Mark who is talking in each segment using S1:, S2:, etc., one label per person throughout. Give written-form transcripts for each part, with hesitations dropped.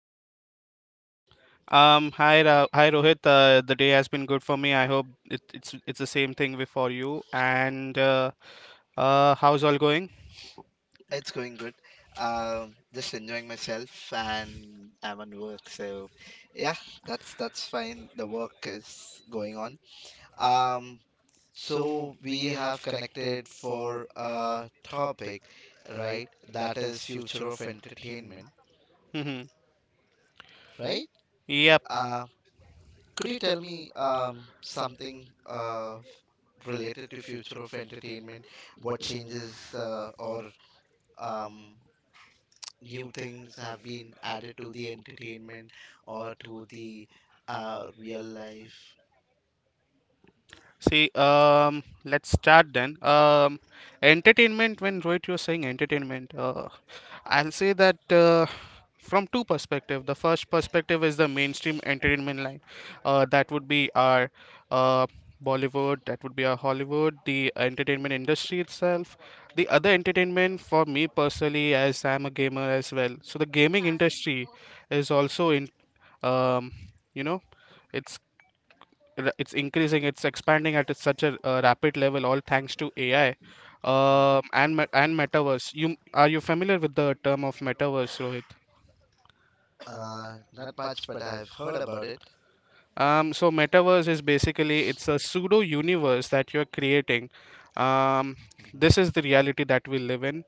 S1: How's your day?
S2: Hi, hi Rohit. The day has been good for me. I hope it's the same thing with for you. And How's all going?
S1: It's going good. Just enjoying myself, and I'm on work, so yeah, that's fine. The work is going on. Um, so we have connected for a topic, right? That is future of entertainment,
S2: Mhm.
S1: right?
S2: Yep.
S1: Uh, could you tell me something uh related to future of entertainment? What changes or um, new things have been added to the entertainment or to the real life.
S2: See, let's start then. Entertainment. When Rohit, you're saying entertainment. I'll say that from two perspectives. The first perspective is the mainstream entertainment line. That would be our uh, Bollywood, that would be our Hollywood, the entertainment industry itself. The other entertainment for me personally, as I'm a gamer as well. So the gaming industry is also in, um, you know, it's it's increasing, it's expanding at such a rapid level, all thanks to AI, and metaverse. You are you familiar with the term of metaverse, Rohit?
S1: Not much, but I've heard about it.
S2: So metaverse is basically it's a pseudo universe that you're creating. um
S1: Mhm.
S2: this is the reality that we live in.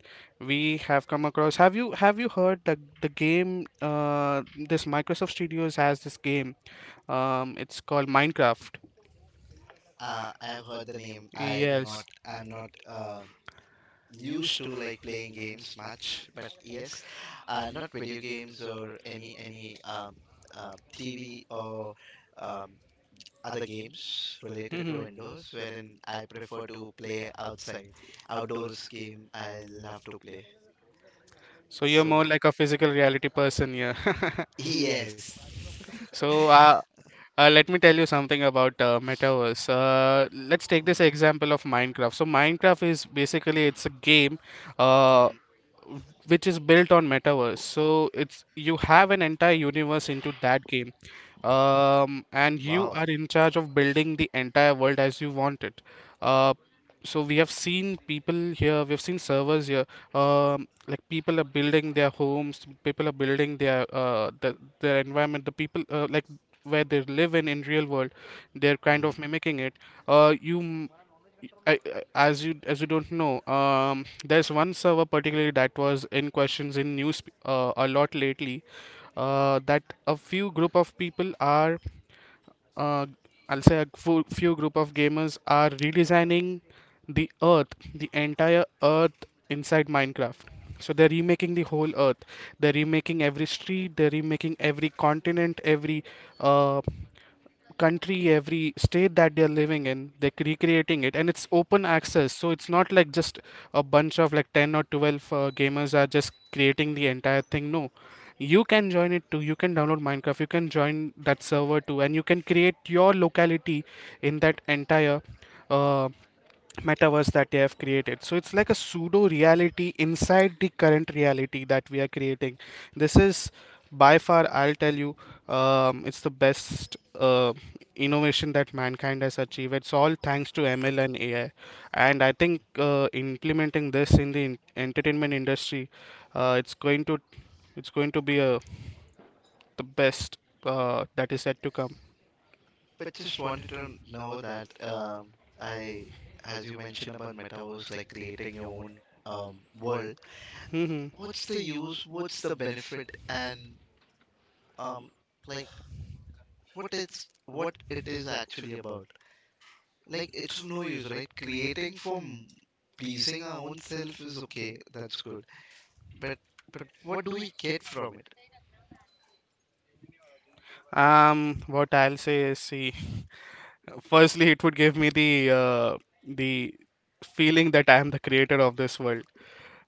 S2: We have come across have you heard the game, uh this Microsoft Studios has this game, it's called Minecraft?
S1: I have heard the name. I do not.
S2: Yes.
S1: I'm not used to like playing games much, but yes, not video games or any TV or um, other games related to indoors, wherein I prefer to play outside. Outdoors game I love to play.
S2: So you're more
S1: So,
S2: like a physical reality person, yeah.
S1: yes.
S2: So let me tell you something about metaverse. Let's take this
S1: Mhm,
S2: example of Minecraft. So Minecraft is basically it's a game. Uh,
S1: mhm.
S2: which is built on metaverse, so it's you have an entire universe into that game, and you
S1: Wow.
S2: are in charge of building the entire world as you want it. uh, so we have seen people here, we've seen servers here, like people are building their homes, people are building their their environment, the people like where they live in real world, they're kind
S1: Mhm.
S2: of mimicking it. uh, you I, I- as you don't know, there's one server particularly that was in questions in news a lot lately. That a few group of people are, uh, I'll say a few group of gamers are redesigning the Earth, the entire Earth inside Minecraft. So they're remaking the whole Earth. They're remaking every street. They're remaking every continent, every uh, country, every state that they're living in, they're recreating it, and it's open access. So it's not like just a bunch of like 10 or 12 gamers are just creating the entire thing. No, you can join it too. You can download Minecraft, you can join that server too, and you can create your locality in that entire. Uh, Metaverse that they have created. So it's like a pseudo reality inside the current reality that we are creating. This is by far, I'll tell you, it's the best innovation that mankind has achieved. It's all thanks to ML and AI. And I think implementing this in the entertainment industry, uh, it's going to it's going to be the best, that is yet to come.
S1: But just wanted to know that I, as you mentioned about metaverse, like creating your own world, what's the use, what's the benefit, and um, like what it is actually about? Like it's of no use, right? Creating from pleasing our own self is okay, that's good. But but what do we get from
S2: What I'll say is, see, firstly, it would give me the, the feeling that I am the creator of this world.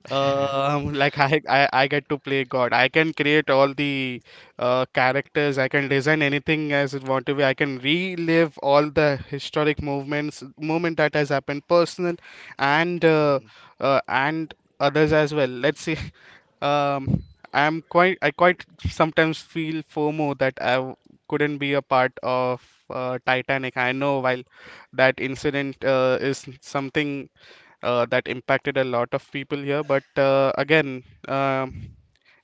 S1: it?
S2: Like I get to play God. I can create all the characters. I can design anything as it want to be. I can relive all the historic movements, movement that has happened, personal and uh, and others as well. Let's see. Um, I quite sometimes feel FOMO that couldn't be a part of Titanic. I know while that incident is something that impacted a lot of people here, but again, um,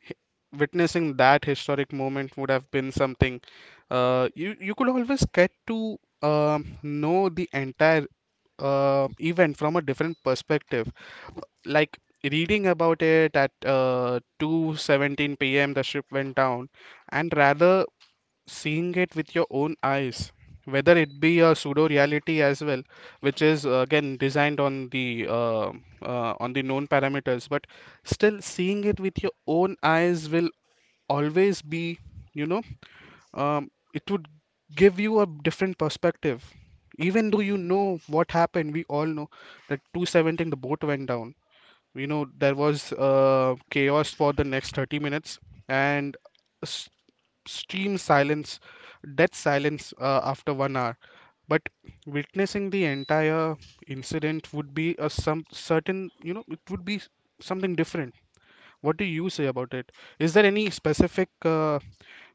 S2: h- witnessing that historic moment would have been something. You could always get to know the entire event from a different perspective, like reading about it at 2:17 p.m. the ship went down, and rather seeing it with your own eyes, whether it be a pseudo reality as well, which is again designed on the known parameters. But still seeing it with your own eyes will always be, you know it would give you a different perspective. Even though you know what happened, we all know that 217 the boat went down. We know there was chaos for the next 30 minutes, and s- extreme silence, death silence after 1 hour. But witnessing the entire incident would be a some certain, it would be something different. What do you say about it? Is there any specific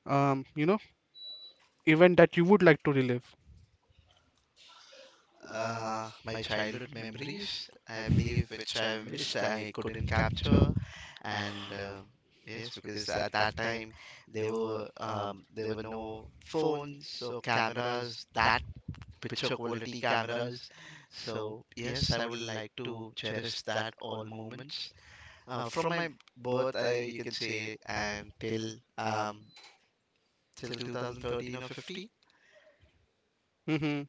S2: um, you know, event that you would like to relive?
S1: My childhood memories, I believe, which I've missed, I couldn't capture, and yes, because at that time there were no phones or cameras, that picture quality cameras. So yes, I would like to cherish that all moments from my birth, I, you can say, and um, till 2013 or 15.
S2: Mm-hmm.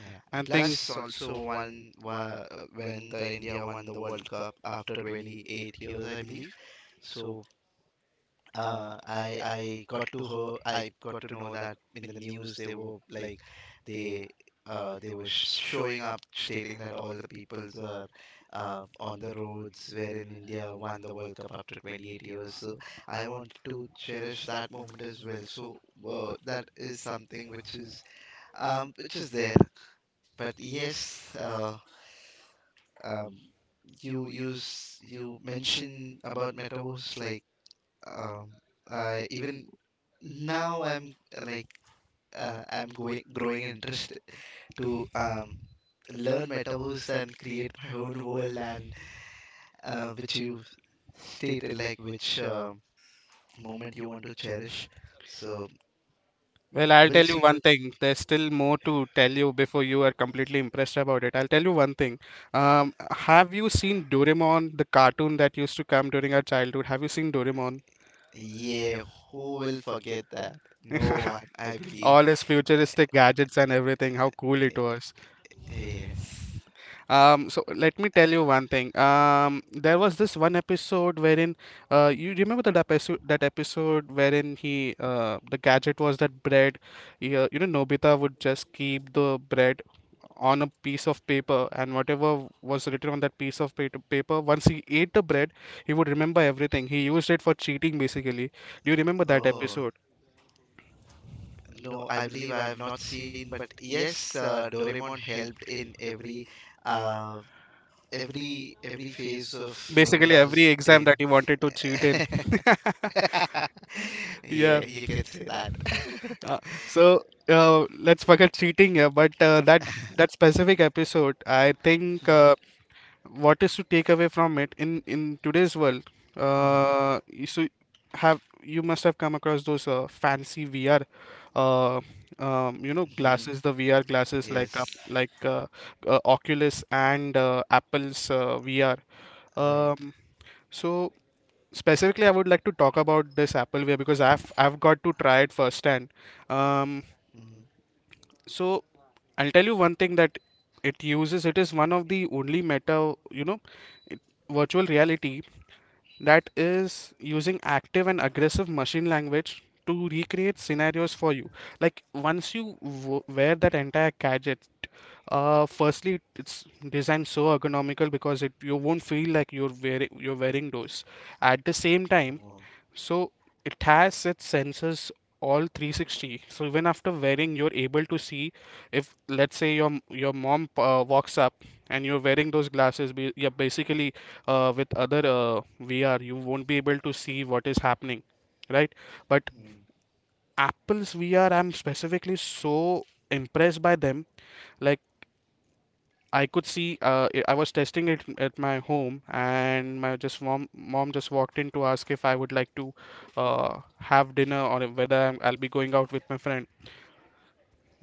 S1: Yeah.
S2: I think,
S1: Plus, also when the India won the World Cup after 28 years, I believe. So I got to her. I got to know that in the news they were like they they were sh showing up stating that all the peoples are on the roads wherein India won the World Cup after 28 years. So I wanted to cherish that moment as well. So that is something which is there. But yes, um, you mention about metaverse, like um, I even now I'm like I'm going growing interest to learn metaverse and create my own world, and which you stated, like which moment you want to cherish. So
S2: well, I'll
S1: we'll
S2: tell you
S1: see
S2: one
S1: that.
S2: thing. There's still more to tell you before you are completely impressed about it. I'll tell you one thing. Have you seen Doraemon, the cartoon that used to come during our childhood? Have you seen Doraemon?
S1: Yeah, who will forget that? No one, I believe.
S2: All his futuristic gadgets and everything, how cool it was.
S1: Yes.
S2: Let me tell you one thing. There was this one episode you remember that episode wherein the gadget was that bread. Yeah, Nobita would just keep the bread on a piece of paper, and whatever was written on that piece of paper, once he ate the bread, he would remember everything. He used it for cheating, basically. Do you remember that
S1: Oh.
S2: episode?
S1: No, I believe I have not seen, but yes, Doraemon helped in every uh, every phase of
S2: Basically, every
S1: Nobita's
S2: exam
S1: day.
S2: that he wanted to cheat in.
S1: Yeah, you can say that.
S2: Uh, so let's forget cheating here, but that specific episode, I think what is to take away from it in today's world,
S1: Mhm,
S2: you- so have you must have come across those fancy VR, uh,
S1: mhm.
S2: glasses, the VR glasses like up
S1: Yes,
S2: like Oculus and Apple's VR.
S1: right.
S2: Um, so specifically, I would like to talk about this Apple VR because I've got to try it firsthand. Um,
S1: Mhm.
S2: so I'll tell you one thing that it uses. It is one of the only meta, you know, it- virtual reality that is using active and aggressive machine language to recreate scenarios for you. Like once you w wear that entire gadget, firstly it's designed so ergonomical because it you won't feel like you're wearing those. At the same time,
S1: Wow.
S2: so it has its sensors all 360. So even after wearing, you're able to see if, let's say, your mom walks up and you're wearing those glasses. Yeah, basically, with other VR, you won't be able to see what is happening, right? But
S1: Mhm.
S2: Apple's VR, I'm specifically so impressed by them. Like. I could see, I was testing it at my home, and my just mom just walked in to ask if I would like to uh, have dinner or whether I'll be going out with my friend.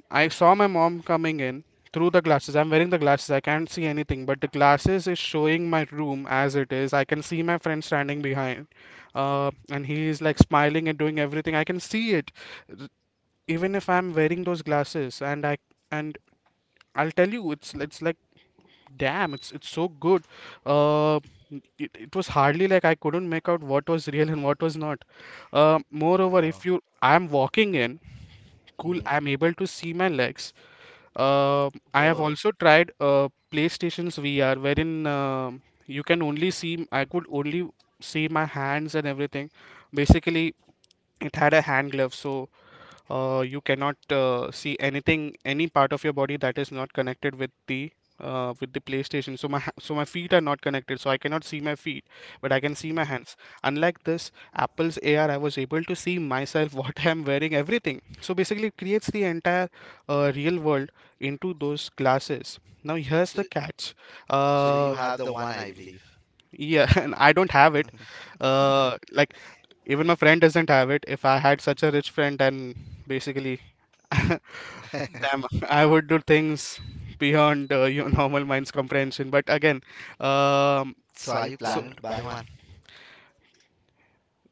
S2: I saw my mom coming in through the glasses. I'm wearing the glasses. I can't see anything, but the glasses is showing my room as it is. I can see my friend standing behind, and he is like smiling and doing everything. I can see it, even if I'm wearing those glasses, and I'll tell you, it's like damn, it's so good. Uh, it was hardly like I couldn't make out what was real and what was not. Moreover, if
S1: Wow.
S2: you I'm walking in, cool,
S1: Mhm.
S2: I'm able to see my legs. Uh, I have
S1: Wow.
S2: also tried PlayStation's VR, wherein you can only see I could only see my hands and everything. Basically, it had a hand glove, so you cannot see anything, any part of your body that is not connected with the PlayStation. So my feet are not connected, so I cannot see my feet, but I can see my
S1: Mhm.
S2: hands. Unlike this Apple's AR, I was able to see myself, what I am wearing, everything. So basically, it creates the entire real world into those glasses. Now here's
S1: So,
S2: the catch.
S1: so,
S2: Uh,
S1: you have the one, I believe.
S2: yeah, and I don't have it. Like even my friend doesn't have it. If I had such a rich friend, then basically. Damn, I would do things beyond your normal mind's comprehension. But again, um,
S1: So are you
S2: so
S1: planning to buy one?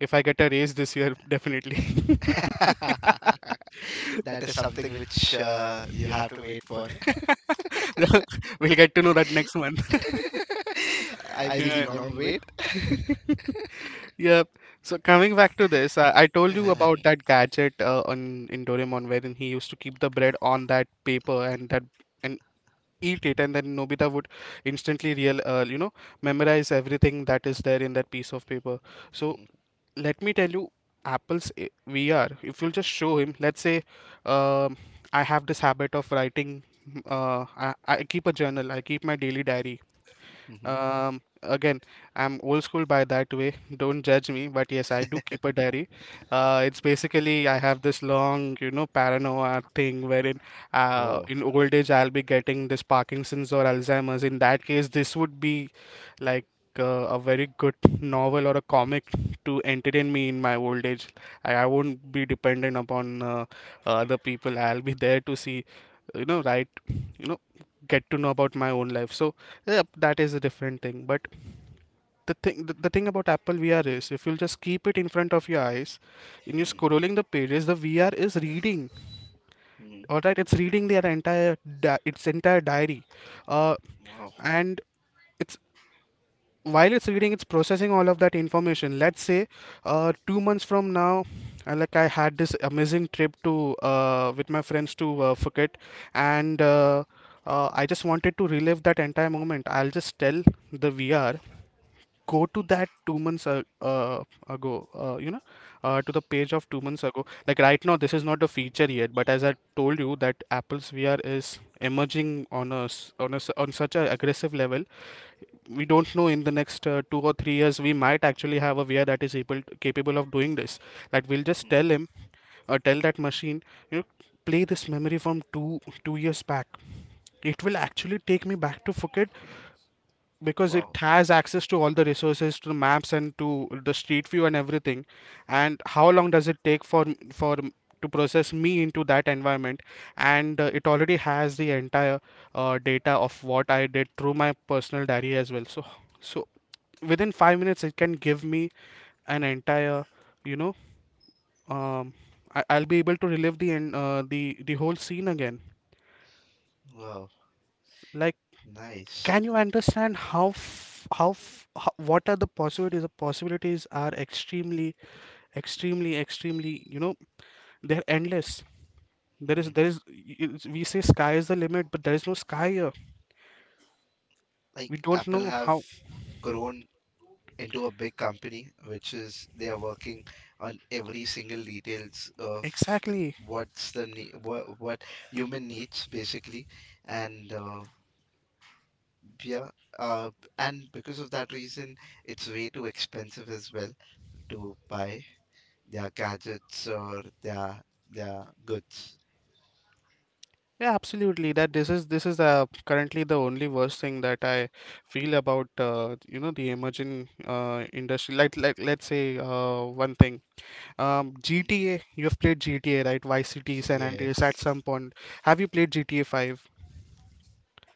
S2: if I get a raise this year, definitely.
S1: That is something which you have to wait for.
S2: We'll get to know that next month.
S1: I
S2: Yeah.
S1: believe long wait.
S2: Yep. So coming back to this, I told you about that gadget on in Doraemon wherein he used to keep the bread on that paper and eat it, and then Nobita would instantly real you know memorize everything that is there in that piece of paper. So let me tell you, Apple's VR, if you'll just show him, let's say, um, I have this habit of writing. I keep a journal, I keep my daily diary. Again, I'm old school by that way. Don't judge me, but yes, I do keep a diary. It's basically I have this long, paranoia thing wherein
S1: Wow.
S2: in old age I'll be getting this Parkinson's or Alzheimer's. In that case, this would be like a very good novel or a comic to entertain me in my old age. I won't be dependent upon other people. I'll be there to see, write, you know get to know about my own life. So yeah, that is a different thing. But the thing about Apple VR is if you'll just keep it in front of your eyes and you're
S1: Mm,
S2: scrolling the pages, the VR is reading.
S1: mm,
S2: All right, it's reading its entire diary. uh,
S1: wow.
S2: and it's, while it's reading, it's processing all of that information. Let's say two months from now, like I had this amazing trip to, with my friends to Phuket. And I just wanted to relive that entire moment. I'll just tell the VR, go to
S1: Mm,
S2: that two months ago, to the page of two months ago. Like right now this is not a feature yet, but as I told you that Apple's VR is emerging on us on such a aggressive level. We don't know, in the next two or three years we might actually have a VR that is able to, capable of doing this. That we'll just
S1: mm,
S2: tell him or tell that machine, you know, play this memory from two years back. It will actually take me back to Phuket because it
S1: wow.
S2: has access to all the resources, to the maps and to the street view and everything. And how long does it take for to process me into that environment? And it already has the entire data of what I did through my personal diary as well. So within five minutes it can give me an entire, you know um I'll be able to relive the whole scene again.
S1: Wow.
S2: Like,
S1: Nice.
S2: can you understand how f- how, f- how what are the possibilities? The possibilities are extremely extremely, they're endless.
S1: Mhm.
S2: There is y- y- We say sky is the limit, but there is no sky here. We
S1: Like
S2: don't
S1: Apple
S2: know
S1: have
S2: how.
S1: grown into a big company, which is they are working on every single details of
S2: Exactly.
S1: what human needs, basically, and yeah, uh, and because of that reason, it's way too expensive as well to buy their gadgets or their goods.
S2: Yeah, absolutely. That this is currently the only worst thing that I feel about, the emerging industry. Like let's say one thing.
S1: Mm-hmm.
S2: GTA. You have played GTA, right? Vice City, San Andreas. At
S1: Yes.
S2: some point, have you played GTA Five?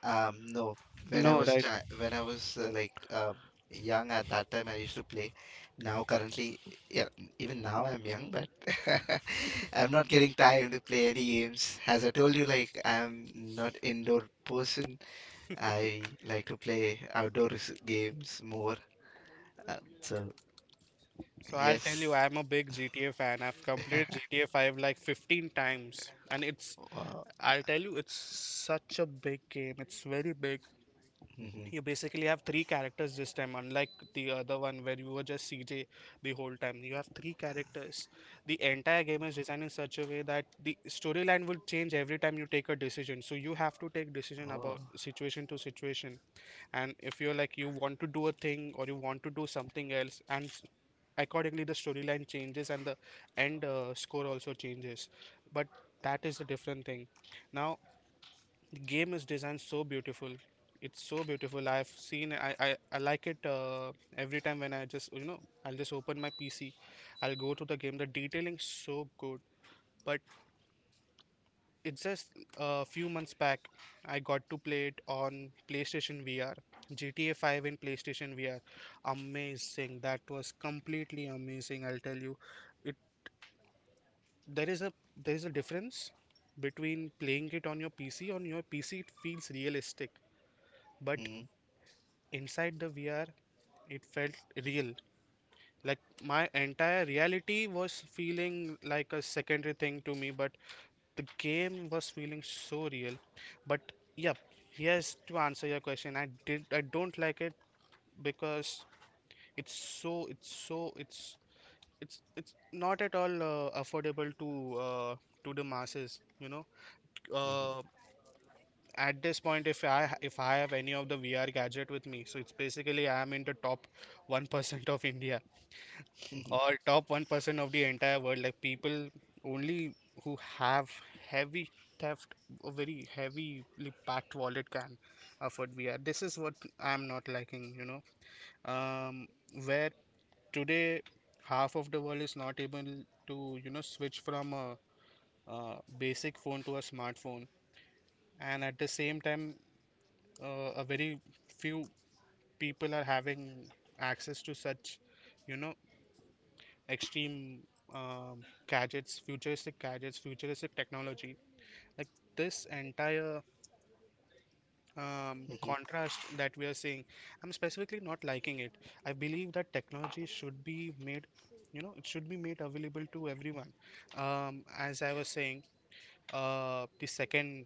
S1: No. When I
S2: No,
S1: was
S2: right?
S1: chi when I was like young at that time, I used to play. Now, currently, yeah, even now I'm young, but I'm not getting time to play any games. As I told you, like I'm not indoor person. I like to play outdoor games more. Uh, so
S2: So I'll tell you,
S1: yes.
S2: I'm a big GTA fan. I've completed GTA Five like 15 times, and it's
S1: Wow.
S2: I'll tell you, it's such a big game. It's very big.
S1: Mhm.
S2: You basically have three characters this time, unlike the other one where you were just CJ the whole time. You have three characters. The entire game is designed in such a way that the storyline will change every time you take a decision. So you have to take decision about
S1: Oh.
S2: situation to situation. And if you're like you want to do a thing or you want to do something else, and accordingly the storyline changes and the end score also changes. But that is a different thing. Now, the game is designed so beautiful. It's so beautiful. I've seen i i, I like it every time. When I just, I'll just open my PC, I'll go to the game, the detailing so good. But it's just a few months back I got to play it on PlayStation VR. GTA 5 in PlayStation VR, amazing. That was completely amazing, I'll tell you. It, there is a there is a difference between playing it on your PC. On your PC it feels realistic, but
S1: Mhm.
S2: inside the VR, it felt real. Like my entire reality was feeling like a secondary thing to me, but the game was feeling so real. But yeah, yes, to answer your question, I did. I don't like it because it's so. It's so. It's not at all affordable to, to the masses. You know,
S1: Mhm.
S2: uh at this point, if I have any of the VR gadget with me, so it's basically I am in the top 1% of India or top 1% of the entire world. Like people only who have heavy theft, a very heavily packed wallet can afford VR. This is what I'm not liking, you know. Um, where today half of the world is not able to, you know, switch from a, basic phone to a smartphone, and at the same time, a very few people are having access to such, you know, extreme gadgets futuristic technology. Like this entire,
S1: Mhm.
S2: contrast that we are seeing, I'm specifically not liking it. I believe that technology should be made, you know, it should be made available to everyone. Um, as I was saying, the second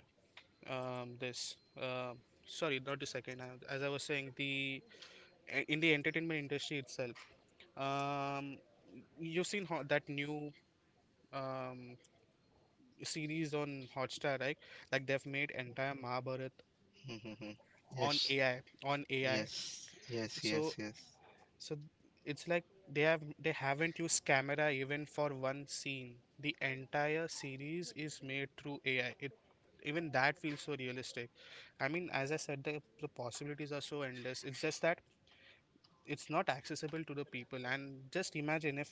S2: this sorry not the second as I was saying, the in the entertainment industry itself, um, you've seen ho that new, um, series on Hotstar, right? Like they've made entire Mahabharat
S1: Mhm. Mhm.
S2: on
S1: Yes.
S2: AI, on AI.
S1: Yes. Yes.
S2: So,
S1: Yes. Yes.
S2: so it's like they haven't used camera even for one scene. The entire series is made through AI. It Even that feels so realistic. I mean, as I said, the possibilities are so endless. It's just that it's not accessible to the people. And just imagine if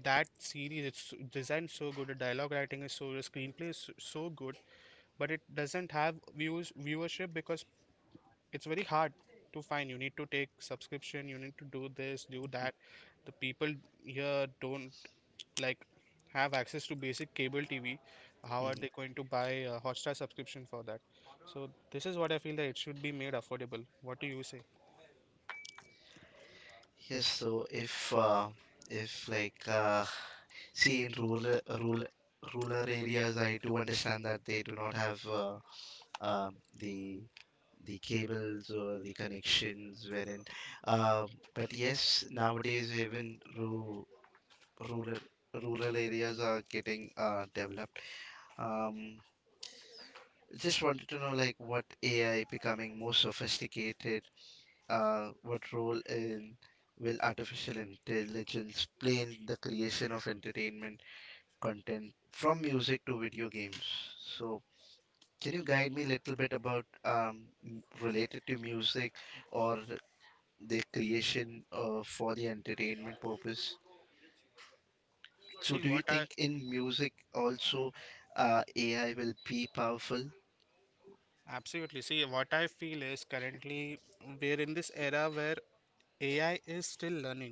S2: that series, it's designed so good, the dialogue writing is so good, the screenplay is so good, but it doesn't have views viewership because it's very hard to find. You need to take subscription, you need to do this, do that. The people here don't, like, have access to basic cable TV. How are they
S1: Mhm.
S2: going to buy a Hotstar subscription for that? So this is what I feel, that it should be made affordable. What do you say?
S1: Yes, so if like, see, in rural areas, I do understand that they do not have um, the the cables or the connections wherein. Uh, but yes, nowadays even ru rural rural areas are getting developed. Um, just wanted to know, like, what AI becoming more sophisticated, what role in will artificial intelligence play in the creation of entertainment content from music to video games? So, can you guide me a little bit about related to music, or the creation for the entertainment purpose? So,
S2: See
S1: do
S2: what
S1: you
S2: I
S1: think in music also AI will be powerful?
S2: Absolutely. See what I feel is, currently we're in this era where AI is still learning.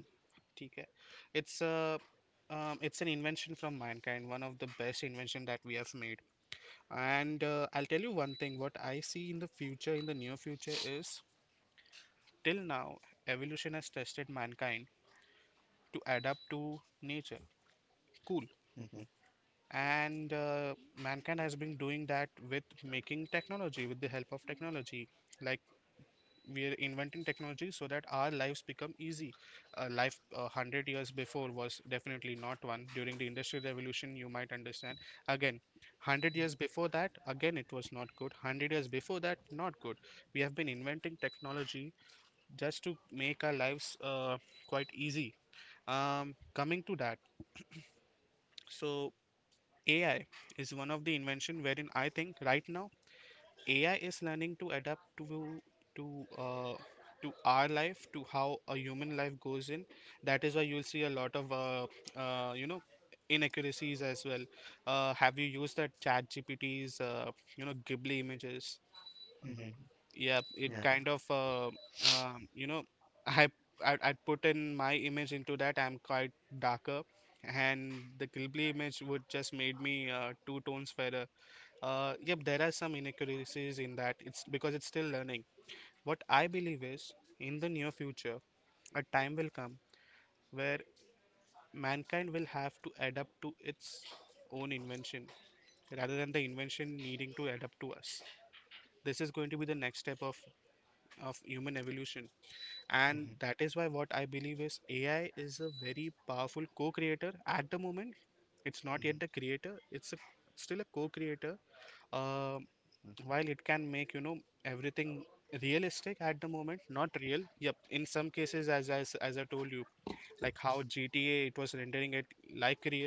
S2: ठीक है? It's a, it's an invention from mankind, one of the best invention that we have made. And I'll tell you one thing, what I see in the future, in the near future, is till now evolution has tested mankind to adapt to nature. Cool.
S1: Mhm,
S2: And mankind has been doing that with making technology, with the help of technology. Like we are inventing technology so that our lives become easy. A life 100 years before was definitely not one. During the industrial revolution you might understand. Again, 100 years before that, again it was not good. 100 years before that, not good. We have been inventing technology just to make our lives quite easy. Um, coming to that, so AI is one of the invention wherein I think right now AI is learning to adapt to, to uh, to our life, to how a human life goes in. That is why you'll see a lot of inaccuracies as well. Have you used that Chat GPT's, Ghibli images?
S1: mhm,
S2: Yeah, it
S1: yeah.
S2: kind of um, you know I, I put in my image into that. I'm quite darker, and the Ghibli image would just made me two tones fairer. Yep, there are some inaccuracies in that. It's because it's still learning. What I believe is, in the near future, a time will come where mankind will have to adapt to its own invention rather than the invention needing to adapt to us. This is going to be the next step of human evolution. And
S1: Mhm,
S2: that is why what I believe is AI is a very powerful co creator. At the moment, it's not yet the
S1: mhm,
S2: creator, it's a, still a co creator. uh, while it can make, you know, everything realistic at the moment, not real. Yep, in some cases, as I told you, like how GTA, it was rendering it like real.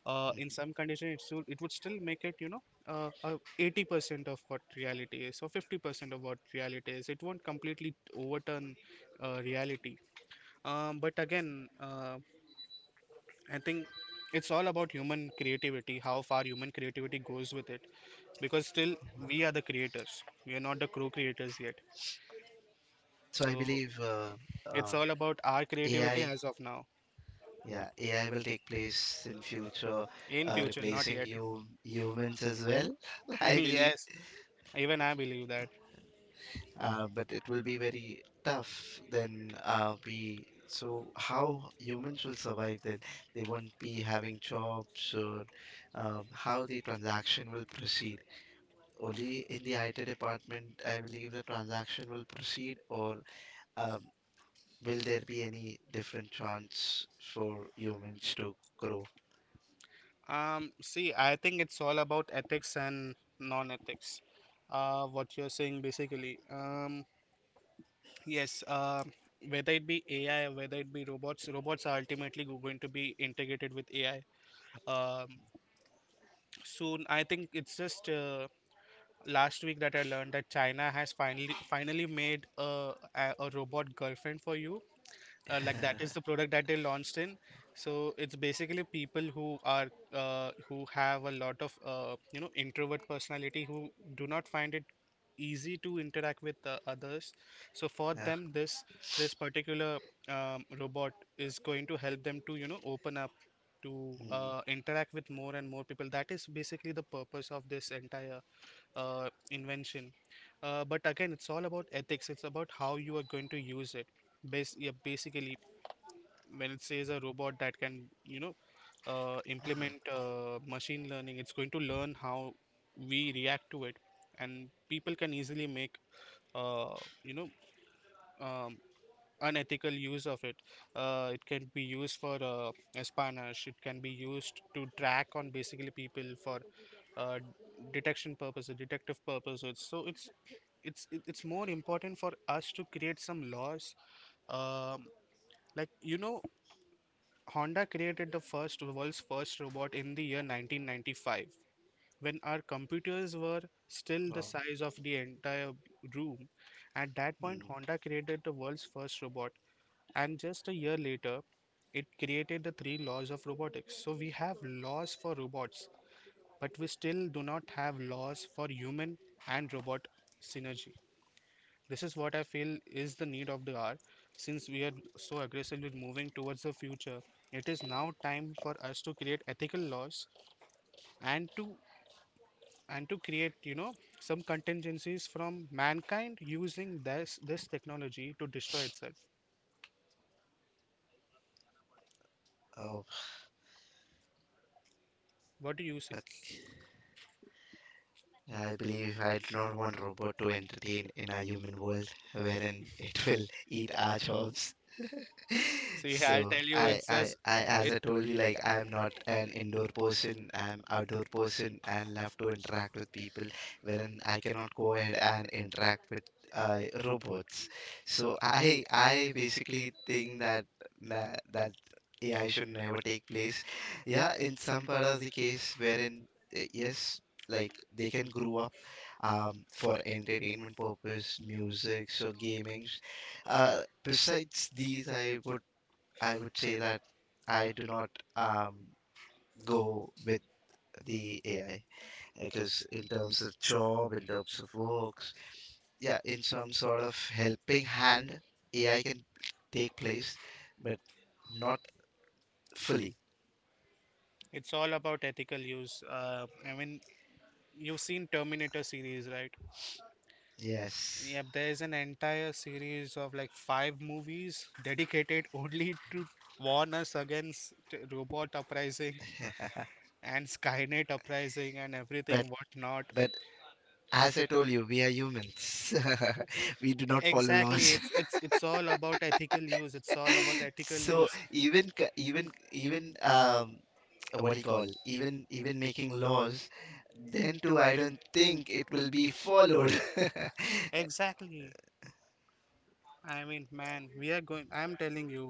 S2: Uh, in
S1: mhm.
S2: some condition it, still, it would still make it, you know, 80% of what reality is or 50% of what reality is. It won't completely overturn reality. Um, but again, I think it's all about human creativity, how far human creativity goes with it, because still we are the creators. We are not the co-creators yet.
S1: So I
S2: So
S1: believe,
S2: it's
S1: uh,
S2: all about our creativity
S1: AI,
S2: as of now.
S1: yeah, AI will take place in future,
S2: In future, not yet.
S1: replacing you humans as well, I believe.
S2: Yes, even I believe that.
S1: But it will be very tough then. We so how humans will survive then? They won't be having jobs, or how the transaction will proceed. Only in the IT department, I believe the transaction will proceed, or um, will there be any different chance for humans to grow?
S2: See, I think it's all about ethics and non-ethics. What you're saying basically. Yes. Whether it be AI, whether it be robots, robots are ultimately going to be integrated with AI. Um, soon. I think it's just last week that I learned that China has finally made a robot girlfriend for you, like that is the product that they launched in so it's basically people who are who have a lot of introvert personality who do not find it easy to interact with others. So for
S1: Yeah.
S2: them this particular robot is going to help them to open up to
S1: Mm,
S2: interact with more and more people. That is basically the purpose of this entire invention. But again, it's all about ethics. It's about how you are going to use it. Yeah, basically, when it says a robot that can implement machine learning, it's going to learn how we react to it, and people can easily make uh, you know um, unethical use of it. It can be used for espionage, it can be used to track on basically people for uh, detection purposes detective purposes. So it's more important for us to create some laws. um, like you know Honda created the first world's first robot in the year 1995, when our computers were still the
S1: oh,
S2: size of the entire room. At that point
S1: mm.
S2: Honda created the world's first robot, and just a year later it created the three laws of robotics. So we have laws for robots, but we still do not have laws for human and robot synergy. This is what I feel is the need of the hour. Since we are so aggressively moving towards the future, it is now time for us to create ethical laws, and to and to create, you know, some contingencies from mankind using this technology to destroy itself.
S1: Oh,
S2: What do you say?
S1: fuck. I believe I do not want robot to entertain in a human world, wherein it will eat our jobs.
S2: See, I'll tell
S1: So
S2: you, it's just it.
S1: as I told you, like I am not an indoor person. I'm outdoor person and love to interact with people. Wherein I cannot go ahead and interact with robots. So I basically think that that AI should never take place. Yeah, in some part of the case wherein yes, like they can grow up for entertainment purpose, music, so gaming. Uh, besides these, I would say that I do not um, go with the AI, because in terms of job, in terms of works, yeah, in some sort of helping hand, AI can take place, but not fully.
S2: It's all about ethical use. I mean, you've seen Terminator series, right?
S1: Yes,
S2: Yep, there's an entire series of like five movies dedicated only to warn us against robot uprising and Skynet uprising and everything
S1: but
S2: whatnot.
S1: but as I told you, we are humans. We do not follow
S2: Exactly, it's
S1: laws.
S2: it's it's all about ethical use. It's all about ethical
S1: So
S2: use.
S1: even c- even even, what do you call, even even making laws, then too, I don't think it will be followed.
S2: Exactly. I mean, man, we are going. I'm telling you,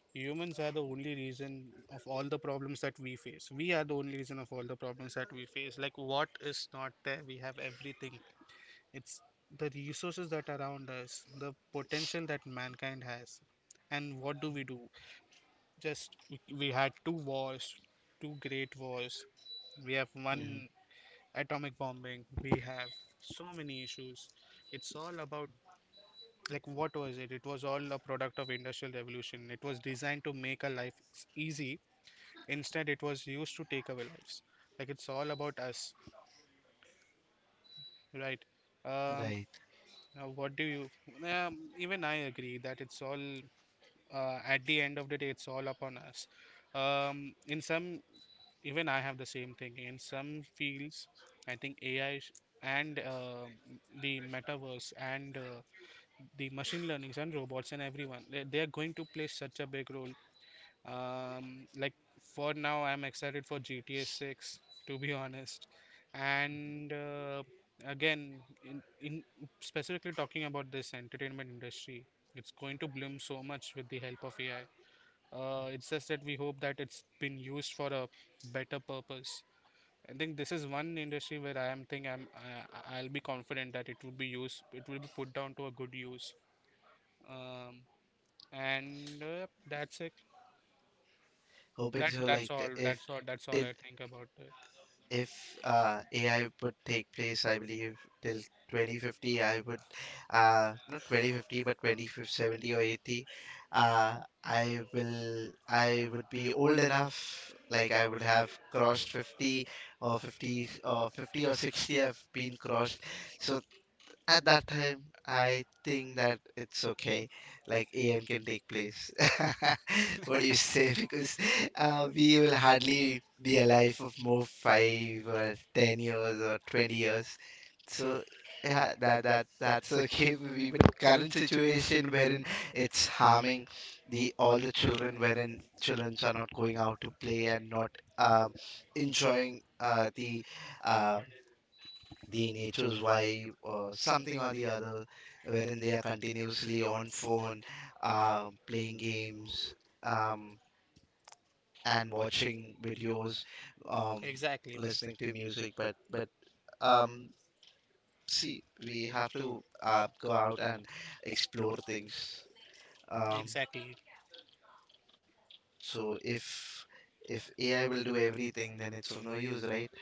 S2: humans are the only reason of all the problems that we face. We are the only reason of all the problems that we face. Like, what is not there? We have everything. It's the resources that are around us, the potential that mankind has. And what do we do? Just we had two wars, two great wars. We have one
S1: Mhm.
S2: atomic bombing. We have so many issues. It's all about, like, what was it? It was all a product of industrial revolution. It was designed to make our life easy. Instead, it was used to take away lives. Like, it's all about us, right? Um,
S1: Right,
S2: what do you? Even I agree that it's all at the end of the day, it's all upon us. In some, even I have the same thing. In some fields, I think AI sh- and uh, the metaverse and the machine learnings and robots and everyone, they are going to play such a big role. Like, for now, I'm excited for GTA 6, to be honest. And again, in specifically talking about this entertainment industry, it's going to bloom so much with the help of AI. It's just that we hope that it's been used for a better purpose. I think this is one industry where I am think I'm I- will be confident that it will be put down to a good use. Um, and yep, that's it.
S1: hoping so.
S2: That's
S1: Like
S2: all. That's
S1: if
S2: all. That's all I
S1: till
S2: think about it.
S1: if AI would take place, I believe, till 2050 I would, not 2050 but 2070 or 80. uh I would be old enough. Like I would have crossed 50 or 50 or 50 or 60. I've been crossed, so at that time I think that it's okay, like an can take place. What do you say? Because we will hardly be alive for more 5 or 10 years or 20 years. So yeah, that's okay with me. But current situation wherein it's harming the all the children, wherein children are not going out to play, and not um, enjoying uh, the nature's wife or something or the other, wherein they are continuously on phone, playing games, um, and watching videos, um,
S2: Exactly, man.
S1: listening to music. But um, see, we have to go out and explore things. um,
S2: Exactly.
S1: so if AI will do everything, then it's of no use, right?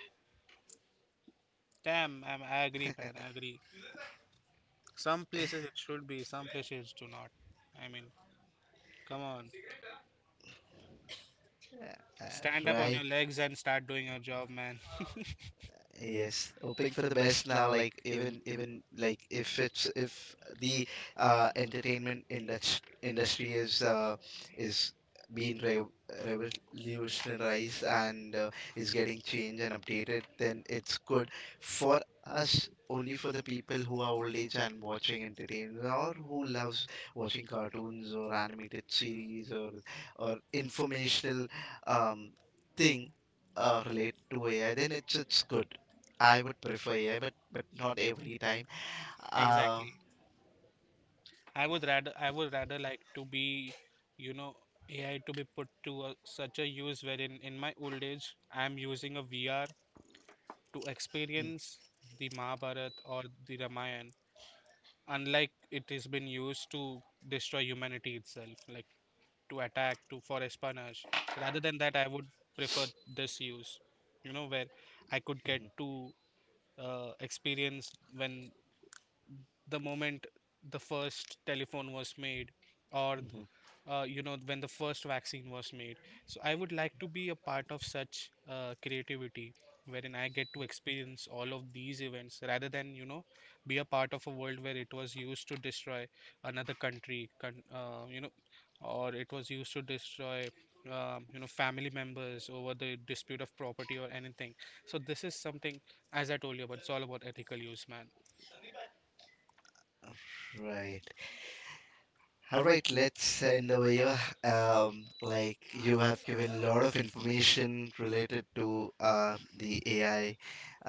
S2: Damn, I agree, man. I agree. Some places it should be, some places do not. I mean, come on, stand up on your
S1: right.
S2: legs and start doing your job, man.
S1: Yes, hoping for the best now. Like even even if the entertainment industry is being re revolutionized and is getting changed and updated, then it's good for us, only for the people who are old age and watching entertainment, or who loves watching cartoons or animated series, or informational um, thing relate to AI, then it's good. I would prefer, yeah, but not every time.
S2: Exactly.
S1: Uh,
S2: I would rather like to be, you know, AI to be put to a, such a use wherein in my old age I am using a VR to experience the Mahabharat or the Ramayana, unlike it has been used to destroy humanity itself, like to attack, to for espionage. Rather than that, I would prefer this use, you know, where I could get to experience when the moment the first telephone was made, or
S1: mhm,
S2: when the first vaccine was made. So I would like to be a part of such creativity wherein I get to experience all of these events rather than, you know, be a part of a world where it was used to destroy another country, or it was used to destroy. Family members over the dispute of property or anything. So this is something, as I told you about, it's all about ethical use, man.
S1: right. All right, let's end over here. Like you have given a lot of information related to the AI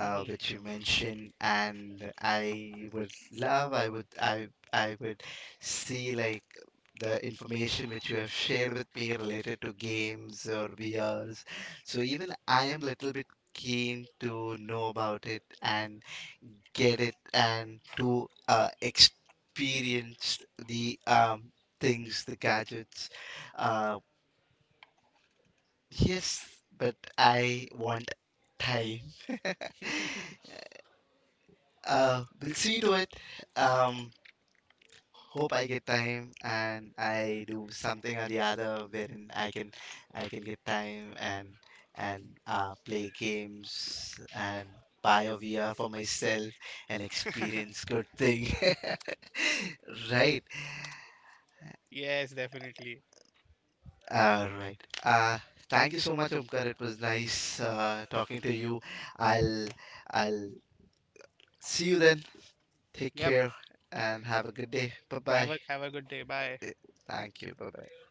S1: which you mentioned, and I would love, I would see, like, the information which you have shared with me related to games or VRs. So even I am a little bit keen to know about it, and get it, and to experience the things, the gadgets. Uh, yes, but I want time. We'll see to it. Um, hope I get time and I do something or the other, wherein I can get time, and play games and buy a VR for myself and experience good thing. Right.
S2: Yes, definitely.
S1: All right. Uh, thank you so much, Omkar. It was nice talking to you. I'll I'll see you then.
S2: Yep.
S1: Take care and have a good day. Bye
S2: Have a
S1: bye.
S2: have a good day. Bye.
S1: Thank you. Bye bye.